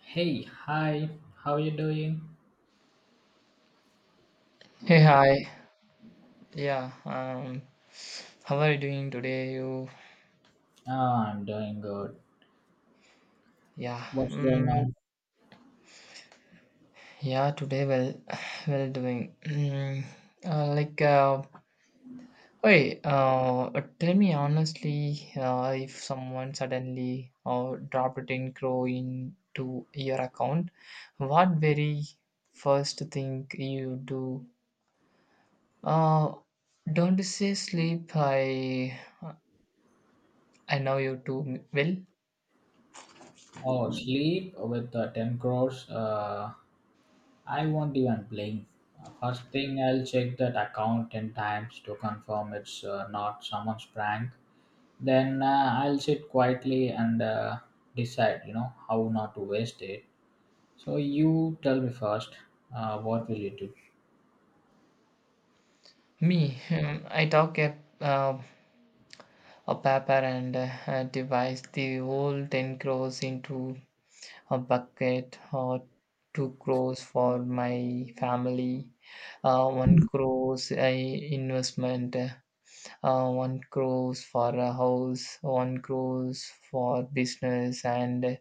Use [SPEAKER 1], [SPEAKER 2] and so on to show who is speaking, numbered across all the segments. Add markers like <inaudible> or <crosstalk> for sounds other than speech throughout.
[SPEAKER 1] Hey, hi, how you doing?
[SPEAKER 2] Hey, hi. Yeah, um, how are you doing today? You,
[SPEAKER 1] Ah, I'm doing good.
[SPEAKER 2] yeah,
[SPEAKER 1] What's going
[SPEAKER 2] mm,
[SPEAKER 1] on?
[SPEAKER 2] yeah, today well, <sighs> well doing. Uh, like, uh, hey, tell me honestly, if someone suddenly dropped 10 crore into your account, what very first thing you do? Uh, don't say sleep. I know you too well.
[SPEAKER 1] Oh, sleep with 10 crores. I won't even blink. First thing, I'll check that account 10 times to confirm it's not someone's prank. Then I'll sit quietly and decide, you know, how not to waste it. So you tell me first, what will you do?
[SPEAKER 2] Me, <laughs> I a paper and a device. The whole 10 crores into a bucket or 2 crores for my family, 1 crores investment, 1 crores for a house, 1 crores for business and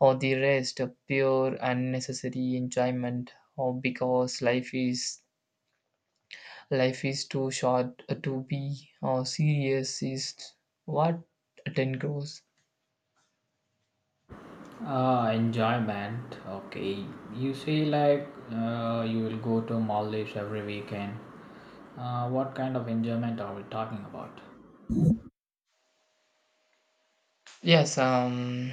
[SPEAKER 2] all the rest pure unnecessary enjoyment or because life is too short to be or serious is what 10 crores.
[SPEAKER 1] Enjoyment. Okay, you say like you will go to Maldives every weekend. What kind of enjoyment are we talking about?
[SPEAKER 2] Yes, um,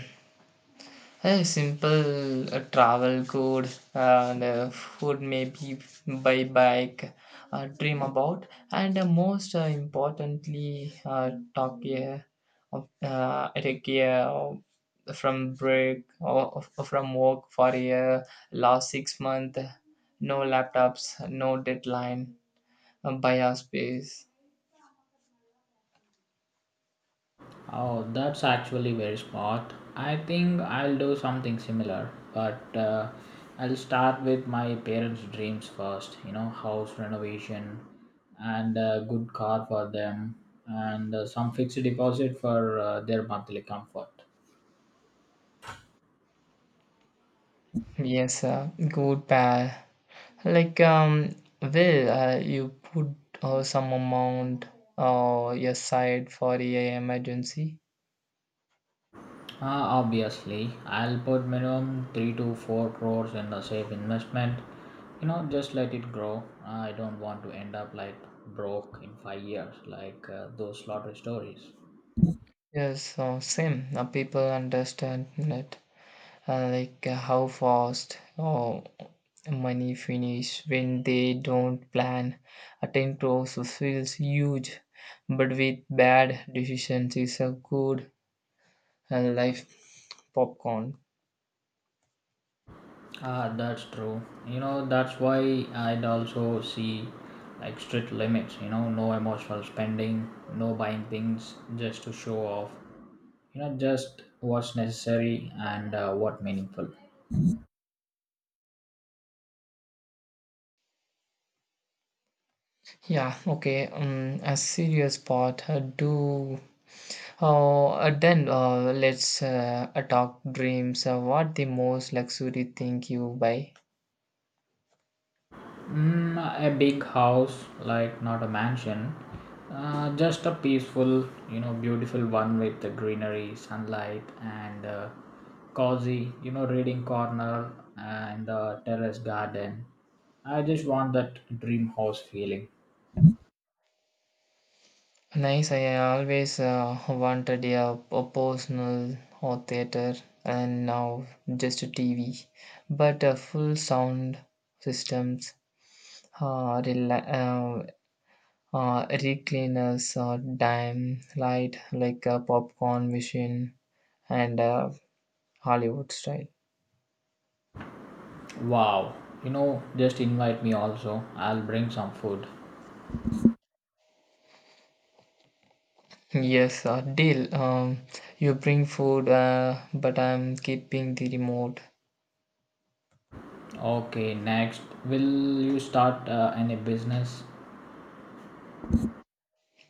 [SPEAKER 2] a simple travel good and food maybe by bike, dream about, and most importantly, talk here of at a from break or from work for a last 6 month, no laptops, no deadline, by our space.
[SPEAKER 1] Oh, that's actually very smart. I think I'll do something similar, but I'll start with my parents' dreams first. You know, house renovation and a good car for them, and some fixed deposit for their monthly comfort.
[SPEAKER 2] Yes, good pair. You put some amount aside for a emergency.
[SPEAKER 1] Obviously, I'll put minimum 3 to 4 crores in a safe investment. You know, just let it grow. I don't want to end up like broke in 5 years, like those lottery stories.
[SPEAKER 2] Yes, same. People understand that, how fast money finish when they don't plan. A 10 crores feels huge, but with bad decisions, it's a good life popcorn.
[SPEAKER 1] Ah, that's true. You know, that's why I'd also see like strict limits. You know, no emotional spending, no buying things just to show off. You know, just what's necessary and what meaningful.
[SPEAKER 2] Yeah, okay. A serious part. Do Then let's talk dreams. What the most luxury thing you buy?
[SPEAKER 1] Mm, a big house, like not a mansion, just a peaceful, you know, beautiful one with the greenery, sunlight, and cozy, you know, reading corner and the terrace garden. I just want that dream house feeling.
[SPEAKER 2] Nice. I always wanted a personal or theater, and now just a TV, but full sound systems, uh, rela- uh, recliners, dime light like a popcorn machine, and Hollywood style.
[SPEAKER 1] Wow, you know, just invite me also. I'll bring some food.
[SPEAKER 2] Yes, deal. You bring food, but I'm keeping the remote.
[SPEAKER 1] Okay, next, will you start any business?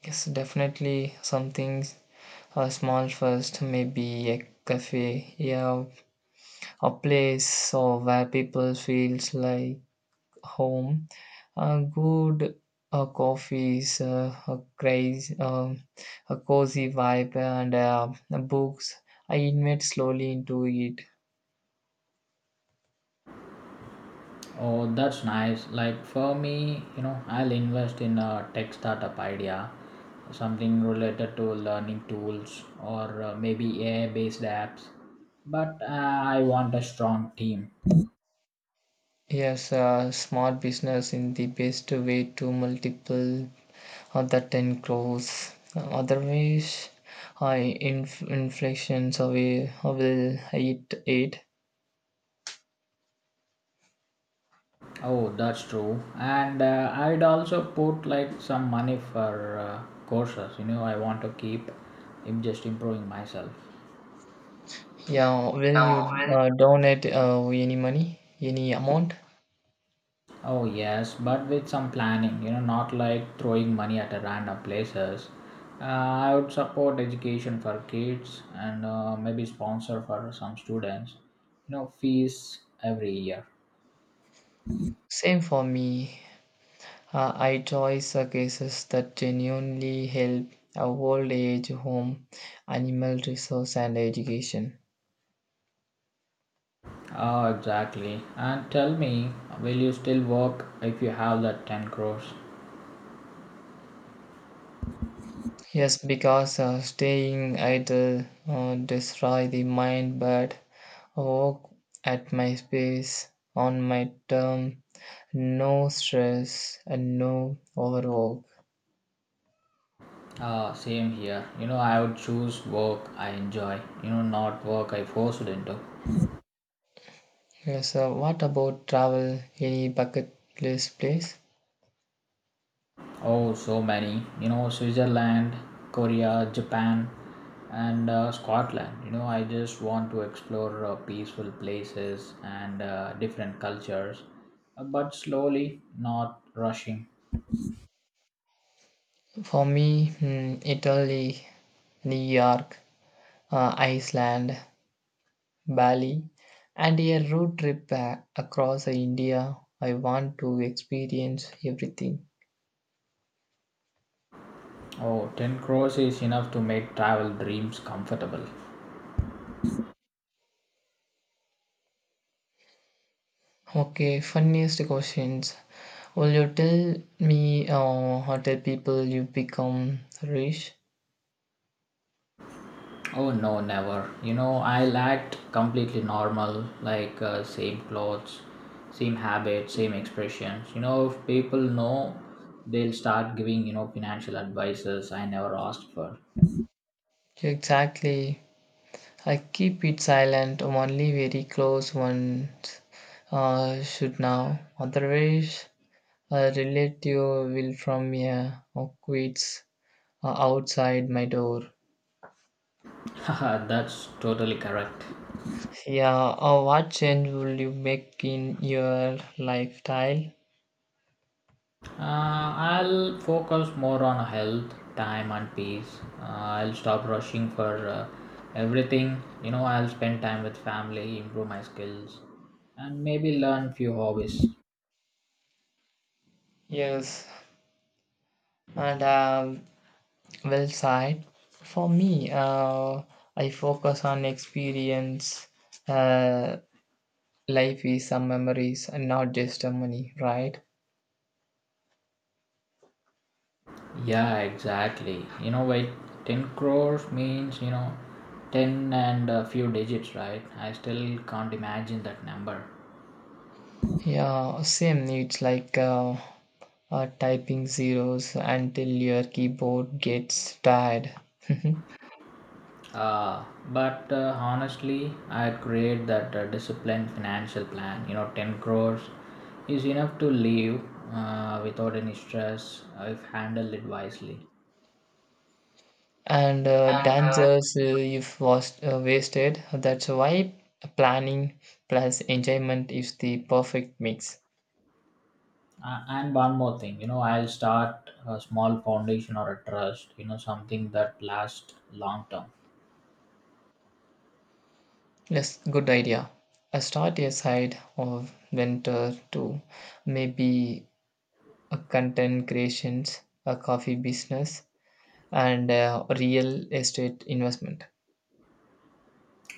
[SPEAKER 2] Yes, definitely something small first. Maybe a cafe, yeah, a place where people feels like home. A good coffees, a crazy a cozy vibe, and books. I invite slowly into it.
[SPEAKER 1] Oh, that's nice. Like for me, you know, I'll invest in a tech startup idea, something related to learning tools or maybe AI-based apps. But I want a strong team.
[SPEAKER 2] Yes, smart business in the best way to multiple other 10 crores. Otherwise, I inflation. So we will eat it.
[SPEAKER 1] Oh, that's true. And I'd also put like some money for courses. You know, I want to keep just improving myself.
[SPEAKER 2] Yeah, will
[SPEAKER 1] Yeah,
[SPEAKER 2] you
[SPEAKER 1] well,
[SPEAKER 2] donate any money, any amount?
[SPEAKER 1] oh yes, but with some planning, you know, not like throwing money at a random places. I would support education for kids and maybe sponsor for some students. You know, fees every year.
[SPEAKER 2] Same for me. I choose cases that genuinely help a old age home, animal resource, and education.
[SPEAKER 1] Oh, exactly. And tell me, will you still work if you have that 10 crores?
[SPEAKER 2] Yes, because staying idle destroy the mind, but work at my space on my term, no stress and no overwork.
[SPEAKER 1] Same here. You know, I would choose work I enjoy, you know, not work I forced into.
[SPEAKER 2] Yes, what about travel? Any bucket list place?
[SPEAKER 1] Oh, so many. You know, Switzerland, Korea, Japan, and Scotland. You know, I just want to explore peaceful places and different cultures, but slowly, not rushing.
[SPEAKER 2] For me, hmm, Italy, New York, Iceland, Bali, and a road trip back across India. I want to experience everything.
[SPEAKER 1] Oh, ten 10 crores is enough to make travel dreams comfortable.
[SPEAKER 2] Okay, funniest questions. Will you tell me or tell people you become rich?
[SPEAKER 1] Oh no, never. You know, I'll act completely normal, like same clothes, same habits, same expressions. You know, if people know, they'll start giving, you know, financial advices I never asked for.
[SPEAKER 2] Exactly. I keep it silent. Only very close ones should know. Otherwise, a relative will from here or quits outside my door.
[SPEAKER 1] <laughs> Haha, that's totally correct.
[SPEAKER 2] Yeah, what change will you make in your lifestyle?
[SPEAKER 1] I'll focus more on health, time, and peace. I'll stop rushing for everything. You know, I'll spend time with family, improve my skills, and maybe learn few hobbies.
[SPEAKER 2] Yes, and side for me, I focus on experience. Uh, Life is some memories and not just the money, right?
[SPEAKER 1] Yeah, exactly. You know, why 10 crores means, you know, 10 and a few digits, right? I still can't imagine that number.
[SPEAKER 2] Yeah, same. It's like typing zeros until your keyboard gets tired. <laughs>
[SPEAKER 1] But honestly, I'd create that disciplined financial plan. You know, 10 crores is enough to live without any stress if handled it wisely.
[SPEAKER 2] And
[SPEAKER 1] And uh,
[SPEAKER 2] dangers if was wasted. That's why planning plus enjoyment is the perfect mix.
[SPEAKER 1] and one more thing, you know, I'll start a small foundation or a trust, you know, something that lasts long term.
[SPEAKER 2] Yes, good idea. A start a side of winter too. Maybe a content creations, a coffee business, and a real estate investment.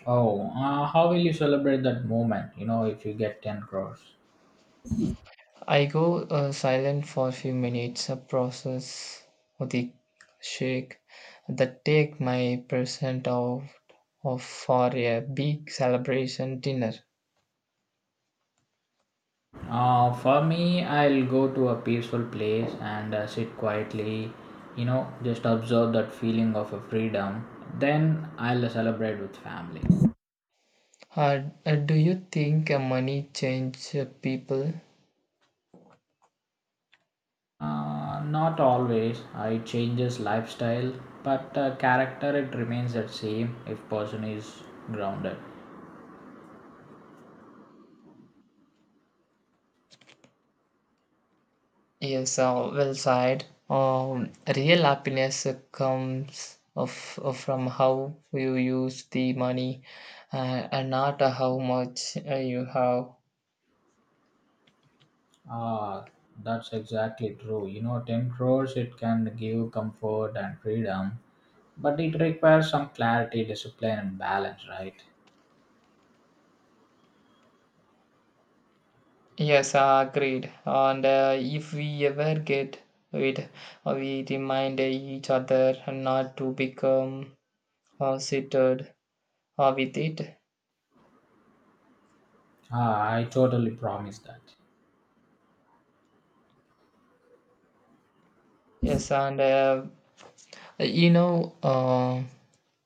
[SPEAKER 1] Oh, how will you celebrate that moment? You know, if you get 10 crores.
[SPEAKER 2] I go silent for a few minutes, a process of the shake that take my present out of for a big celebration dinner.
[SPEAKER 1] For me, I'll go to a peaceful place and sit quietly, you know, just observe that feeling of a freedom. Then I'll celebrate with family.
[SPEAKER 2] Do you think money change people?
[SPEAKER 1] Not always. It changes lifestyle, but character it remains the same if person is grounded.
[SPEAKER 2] Yes, well said. Real happiness of from how you use the money and not how much you have.
[SPEAKER 1] Ah, that's exactly true. You know, 10 crores it can give comfort and freedom, but it requires some clarity, discipline, and balance, right?
[SPEAKER 2] Yes, agreed. And if we ever get it, we remind each other not to become seated with it.
[SPEAKER 1] Ah, I totally promise that.
[SPEAKER 2] Yes, and you know.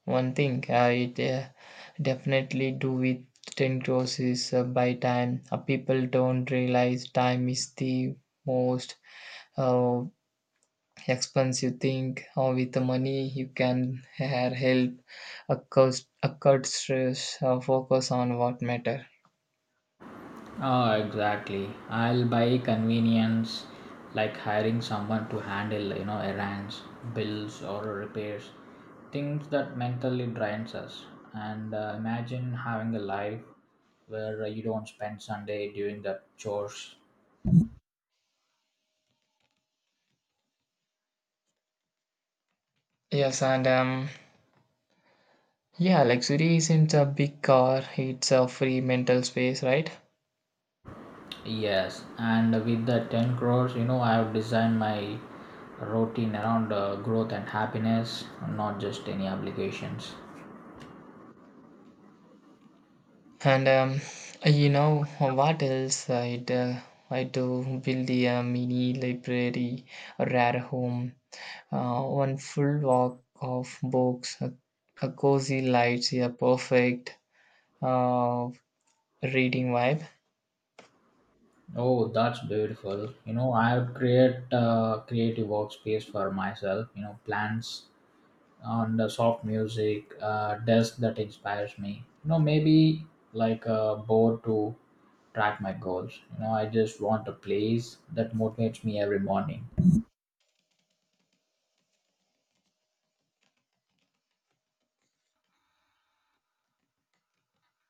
[SPEAKER 2] One thing definitely do with 10 crores is buy time. People don't realize time is the most uh, expensive thing. Or with the money, you can have help, a cost, a cut stress, focus on what matter.
[SPEAKER 1] Ah, exactly. I'll buy convenience like hiring someone to handle, you know, errands, bills, or repairs, things that mentally drains us. And imagine having a life where you don't spend Sunday doing the chores.
[SPEAKER 2] Yes, and yeah, luxury isn't a big car, it's a free mental space, right?
[SPEAKER 1] Yes, and with the 10 crores, you know, I have designed my routine around growth and happiness, not just any obligations.
[SPEAKER 2] And you know what else I do build a mini library, a rare home, one full walk of books, a cozy lights, a perfect uh, reading vibe.
[SPEAKER 1] Oh, that's beautiful. You know, I would create a creative workspace for myself, you know, plants on the soft music, desk that inspires me. You know, maybe like a board to track my goals. You know, I just want a place that motivates me every morning.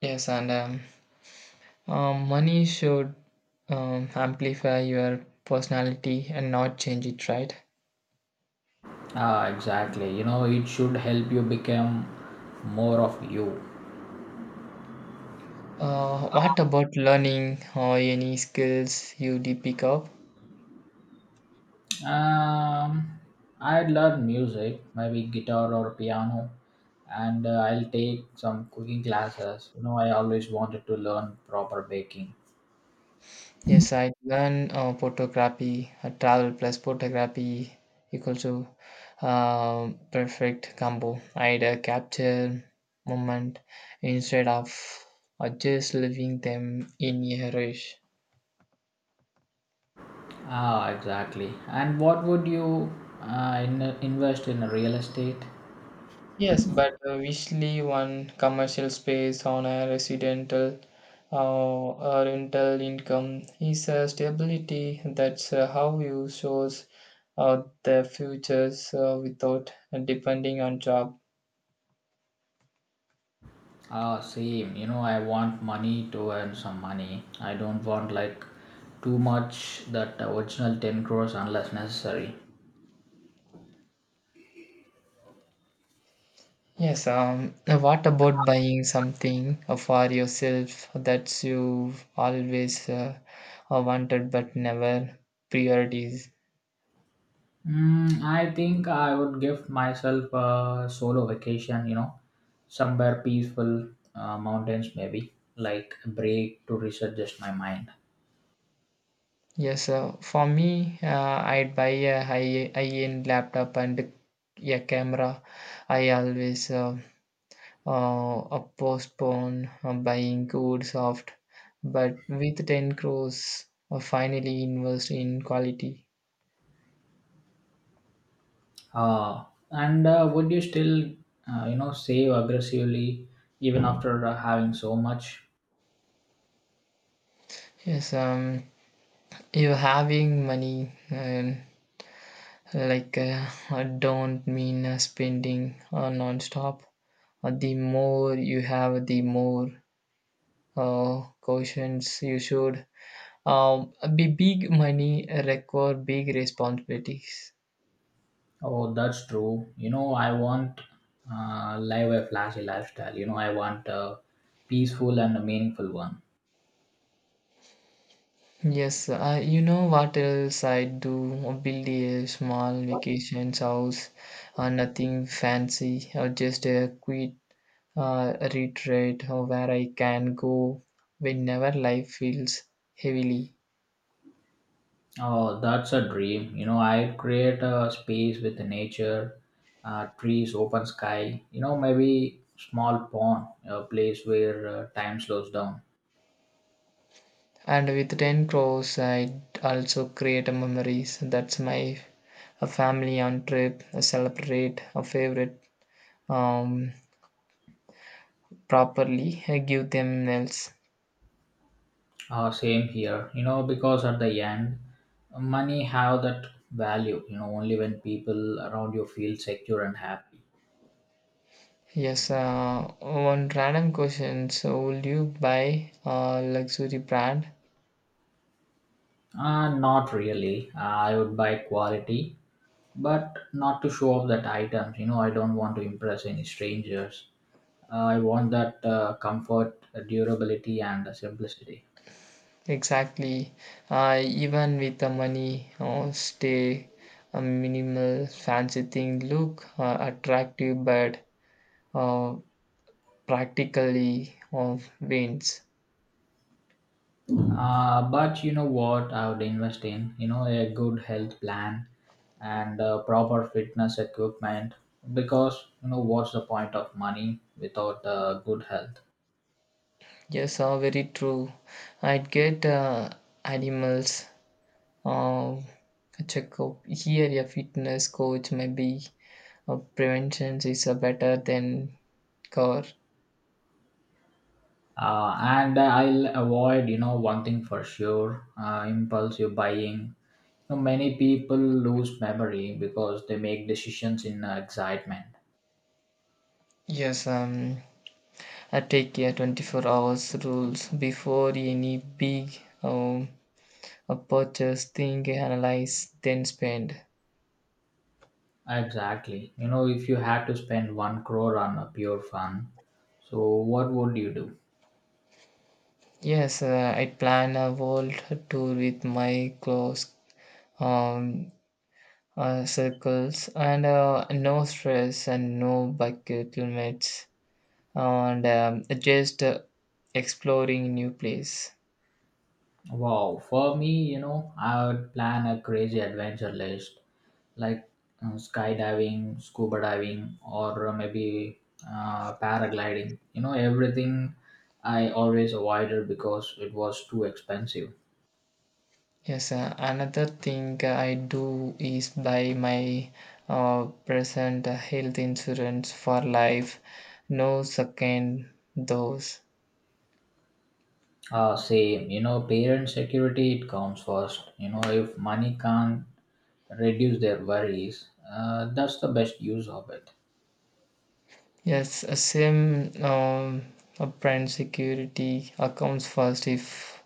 [SPEAKER 2] Yes, and money should amplify your personality and not change it, right?
[SPEAKER 1] Ah, exactly. You know, it should help you become more of you.
[SPEAKER 2] What about learning or any skills you did pick up?
[SPEAKER 1] Um, I'd learn music, maybe guitar or piano, and I'll take some cooking classes. You know, I always wanted to learn proper baking.
[SPEAKER 2] Yes, I learn photography, travel plus photography equals to perfect combo. I'd Capture moment instead of just leaving them in a rush.
[SPEAKER 1] Ah, exactly. And what would you invest in real estate?
[SPEAKER 2] Yes, but usually one commercial space on a residential rental income is a stability. That's how you source the futures without depending on job.
[SPEAKER 1] Ah, same. You know, I want money to earn some money. I don't want like too much that original 10 crores unless necessary.
[SPEAKER 2] Yes, now what about buying something for yourself that you've always wanted but never priorities?
[SPEAKER 1] Mm, I think I would give myself a solo vacation, you know, somewhere peaceful, mountains maybe, like a break to reset just my mind.
[SPEAKER 2] Yes, for me, I'd buy a high-end laptop and a camera. I always postpone buying good soft, but with 10 crores, finally invest in quality.
[SPEAKER 1] Uh, and would you still, you know, save aggressively even after having so much?
[SPEAKER 2] Yes, you having money and like, I don't mean spending non-stop. The more you have, the more cautions you should. Be big money require big responsibilities.
[SPEAKER 1] Oh, that's true. You know, I want live a flashy lifestyle. You know, I want a peaceful and a meaningful one.
[SPEAKER 2] Yes, you know what else I do? Build a small vacation house, nothing fancy, or just a quick retreat where I can go whenever life feels heavily.
[SPEAKER 1] Oh, that's a dream. You know, I create a space with the nature, trees, open sky. You know, maybe small pond, a place where time slows down.
[SPEAKER 2] And with 10 crores I also create a memories that's my a family on trip a celebrate a favorite um properly I give them else.
[SPEAKER 1] Same here. You know, because at the end, money have that value. You know, only when people around you feel secure and happy.
[SPEAKER 2] Yes, one random question, so will you buy a luxury brand?
[SPEAKER 1] Not really. I would buy quality, but not to show off that items. You know, I don't want to impress any strangers. I want that comfort, durability, and simplicity.
[SPEAKER 2] Exactly, even with the money or stay a minimal fancy thing look attractive but uh, practically of wins.
[SPEAKER 1] But you know what I would invest in? You know, a good health plan and proper fitness equipment. Because you know, what's the point of money without good health?
[SPEAKER 2] Yes, are very true. I'd get animals, um, checkup here. A fitness coach maybe. Prevention is better than cure.
[SPEAKER 1] And I'll avoid, you know, one thing for sure: impulsive buying. You know, many people lose memory because they make decisions in excitement.
[SPEAKER 2] Yes, I take a 24 hours rules before any big um, a purchase thing analyze then spend.
[SPEAKER 1] Exactly. You know, if you had to spend 1 crore on a pure fun, so what would you do?
[SPEAKER 2] Yes, I plan a world tour with my close um, circles and no stress and no bucket limits and just exploring new place.
[SPEAKER 1] Wow. For me, you know, I would plan a crazy adventure list like skydiving, scuba diving, or maybe paragliding. You know, everything I always avoided because it was too expensive.
[SPEAKER 2] Yes, another thing I do is buy my present health insurance for life, no second dose.
[SPEAKER 1] Same, you know, parent security, it comes first. You know, if money can't reduce their worries, that's the best use of it.
[SPEAKER 2] Yes, a same. A brand security accounts first if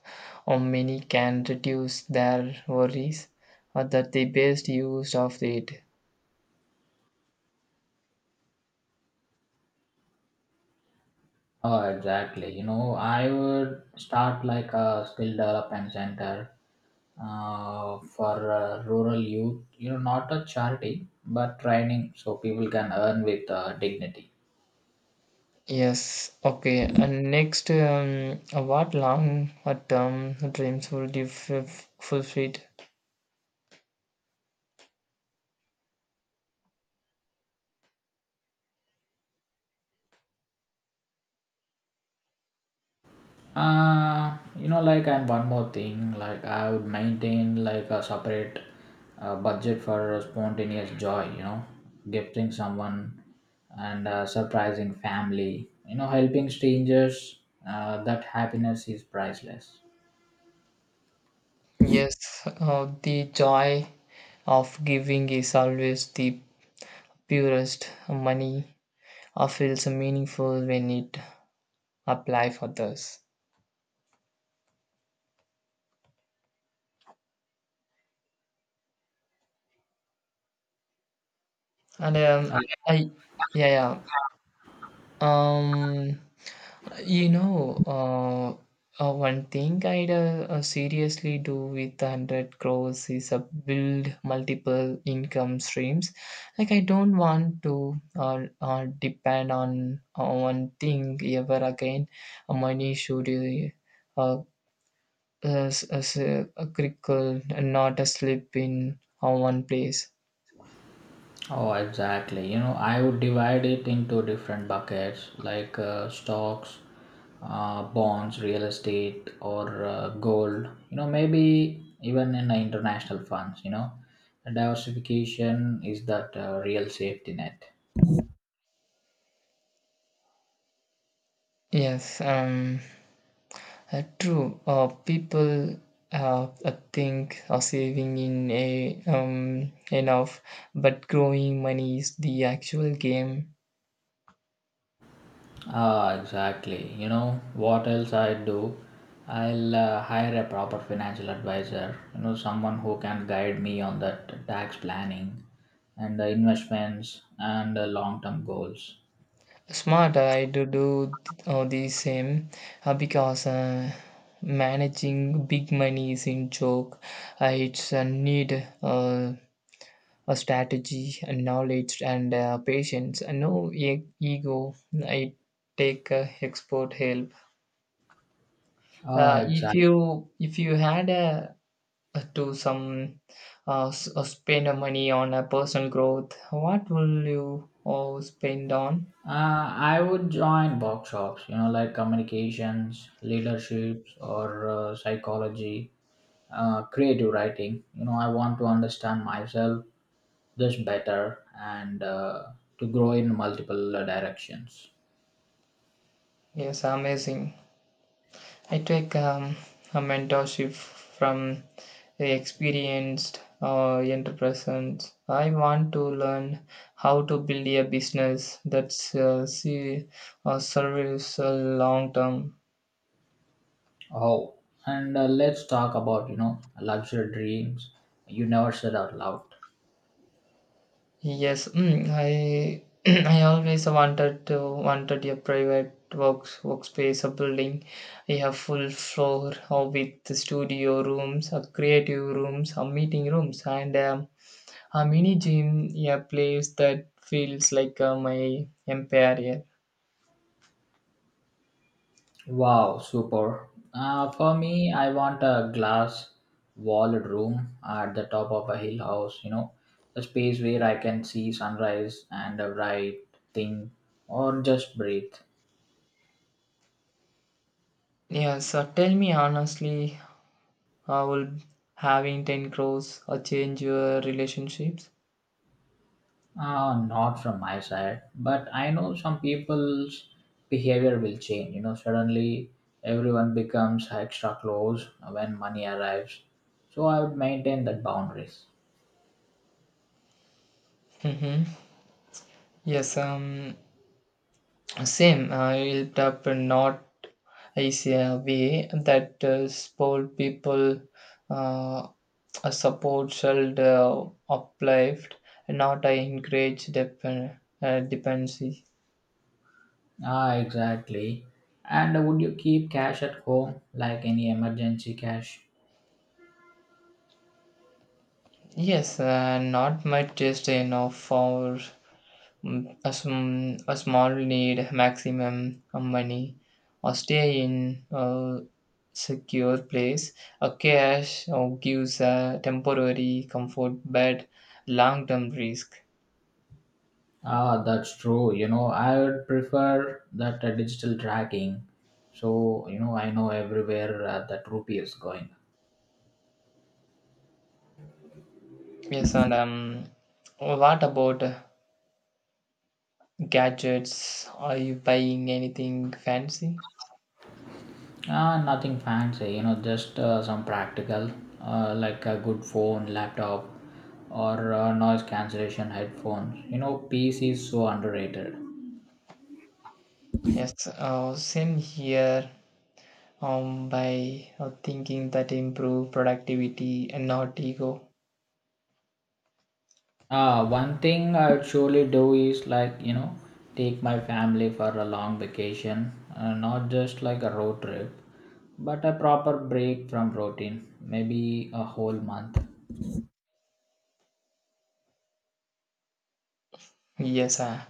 [SPEAKER 2] or many can reduce their worries, that the best use of it.
[SPEAKER 1] Oh, exactly. You know, I would start like a skill development center for rural youth. You know, not a charity, but training so people can earn with dignity.
[SPEAKER 2] Yes, okay. And next, what long term dreams will you fulfill?
[SPEAKER 1] And one more thing, like, I would maintain like a separate budget for spontaneous joy, you know, gifting someone and surprising family, you know, helping strangers. That happiness is priceless.
[SPEAKER 2] Yes, the joy of giving is always the purest. Money feels meaningful when it apply for others. And I, yeah, yeah. Um, you know, uh, One thing I'd seriously do with 100 crores is build multiple income streams. Like, I don't want to depend on one thing ever again. Money should as as a crinkle and not a slip in one place.
[SPEAKER 1] Oh, exactly. You know, I would divide it into different buckets like stocks, bonds, real estate, or gold. You know, maybe even in international funds. You know, diversification is that real safety net.
[SPEAKER 2] Yes. True. People think saving in a enough, but growing money is the actual game.
[SPEAKER 1] Ah, exactly. You know what else I do? I'll hire a proper financial advisor. You know, someone who can guide me on that tax planning and the investments and the long-term goals.
[SPEAKER 2] Smart, I do the same because managing big money is in joke. It's a need. A strategy, a knowledge, and patience. No ego. I take expert help.
[SPEAKER 1] Oh,
[SPEAKER 2] Uh, if
[SPEAKER 1] exactly.
[SPEAKER 2] you if you had a to some spend a money on a personal growth, what will you spend on?
[SPEAKER 1] I would join workshops, you know, like communications, leaderships, or psychology, creative writing. You know, I want to understand myself just better and to grow in multiple directions.
[SPEAKER 2] Yes, amazing. I take a mentorship from the experienced entrepreneurs. I want to learn how to build a business that's service long term.
[SPEAKER 1] Oh, and let's talk about, you know, luxury dreams you never said out loud.
[SPEAKER 2] Yes, mm, I <clears throat> I always wanted a private workspace, a building, a full floor or with studio rooms, a creative rooms, a meeting rooms, and a mini gym, a place that feels like my empire.
[SPEAKER 1] Wow, super. For me, I want a glass walled room at the top of a hill house, you know, a space where I can see sunrise and write, think, or just breathe.
[SPEAKER 2] Yeah, so tell me honestly, how will having 10 crores change your relationships?
[SPEAKER 1] Not from my side, but I know some people's behavior will change. You know, suddenly everyone becomes extra close when money arrives. So I would maintain that boundaries.
[SPEAKER 2] Mm-hmm. Yes, same, I it up not easier way that support people uh, a support should uplift, not I encourage dependency.
[SPEAKER 1] Ah, exactly. And would you keep cash at home, like any emergency cash?
[SPEAKER 2] Yes, not my just enough for mm, a, a small need maximum money or stay in a secure place, a cash or gives a temporary comfort but long term risk.
[SPEAKER 1] Ah, that's true. You know, I would prefer that digital tracking. So, you know, I know everywhere that rupee is going.
[SPEAKER 2] Yes, and what about gadgets, are you buying anything fancy?
[SPEAKER 1] Ah, nothing fancy, you know, just some practical, like a good phone, laptop, or noise cancellation headphones. You know, PC is so underrated.
[SPEAKER 2] Yes, same here. By thinking that improve productivity and not ego.
[SPEAKER 1] One thing I would surely do is like, you know, take my family for a long vacation, not just like a road trip, but a proper break from routine, maybe a whole month.
[SPEAKER 2] Yes,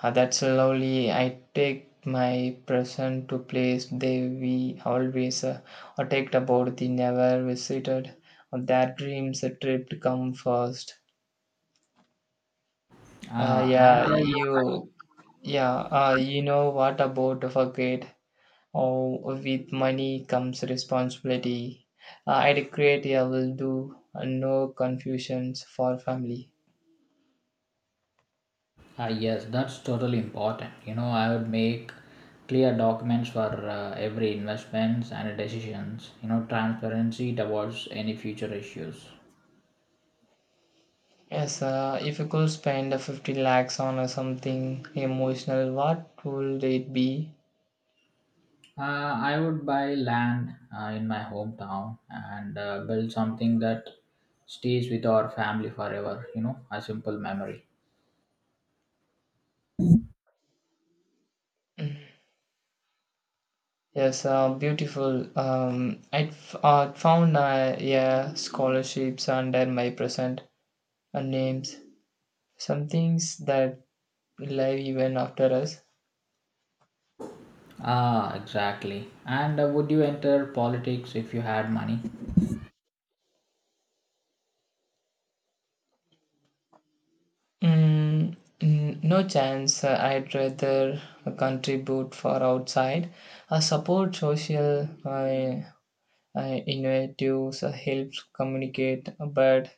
[SPEAKER 2] ah, that's lovely. I take my present to place they we always or talked about the never visited. That dreams a trip to come first. Uh,
[SPEAKER 1] Uh, and
[SPEAKER 2] yeah,
[SPEAKER 1] I,
[SPEAKER 2] you, yeah, you know what about forget? Oh, with money comes responsibility. I will do no confusions for family.
[SPEAKER 1] yes, that's totally important. You know, I would make clear documents for every investments and decisions, you know, transparency towards any future issues.
[SPEAKER 2] Yes, if you could spend 50 lakhs on something emotional, what would it be?
[SPEAKER 1] I would buy land in my hometown and build something that stays with our family forever, you know, a simple memory.
[SPEAKER 2] Yes, beautiful. I found yeah scholarships under my present names. Some things that live even after us.
[SPEAKER 1] Ah, exactly. And would you enter politics if you had money?
[SPEAKER 2] Mm, no chance. I'd rather contribute for outside. Support social innovatives. Helps communicate, but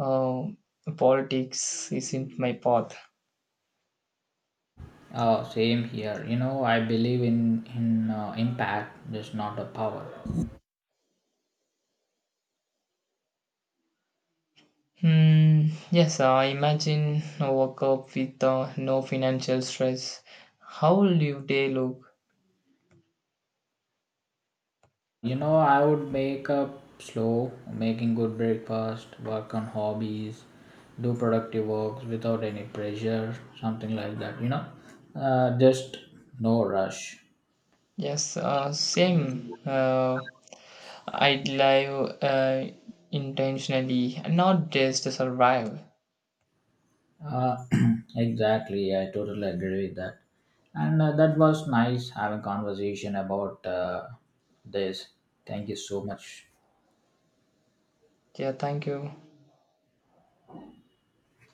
[SPEAKER 2] Um, politics isn't my path.
[SPEAKER 1] Oh, same here. You know, I believe in impact, just not the power.
[SPEAKER 2] Hmm, yes, I imagine a woke up with no financial stress. How will your day look?
[SPEAKER 1] You know, I would make up slow, making good breakfast, work on hobbies, do productive works without any pressure, something like that. You know, just no rush.
[SPEAKER 2] Yes, same. I'd live intentionally, not just to survive.
[SPEAKER 1] Uh, <clears throat> exactly, I totally agree with that. And that was nice having conversation about this. Thank you so much.
[SPEAKER 2] Yeah, thank you.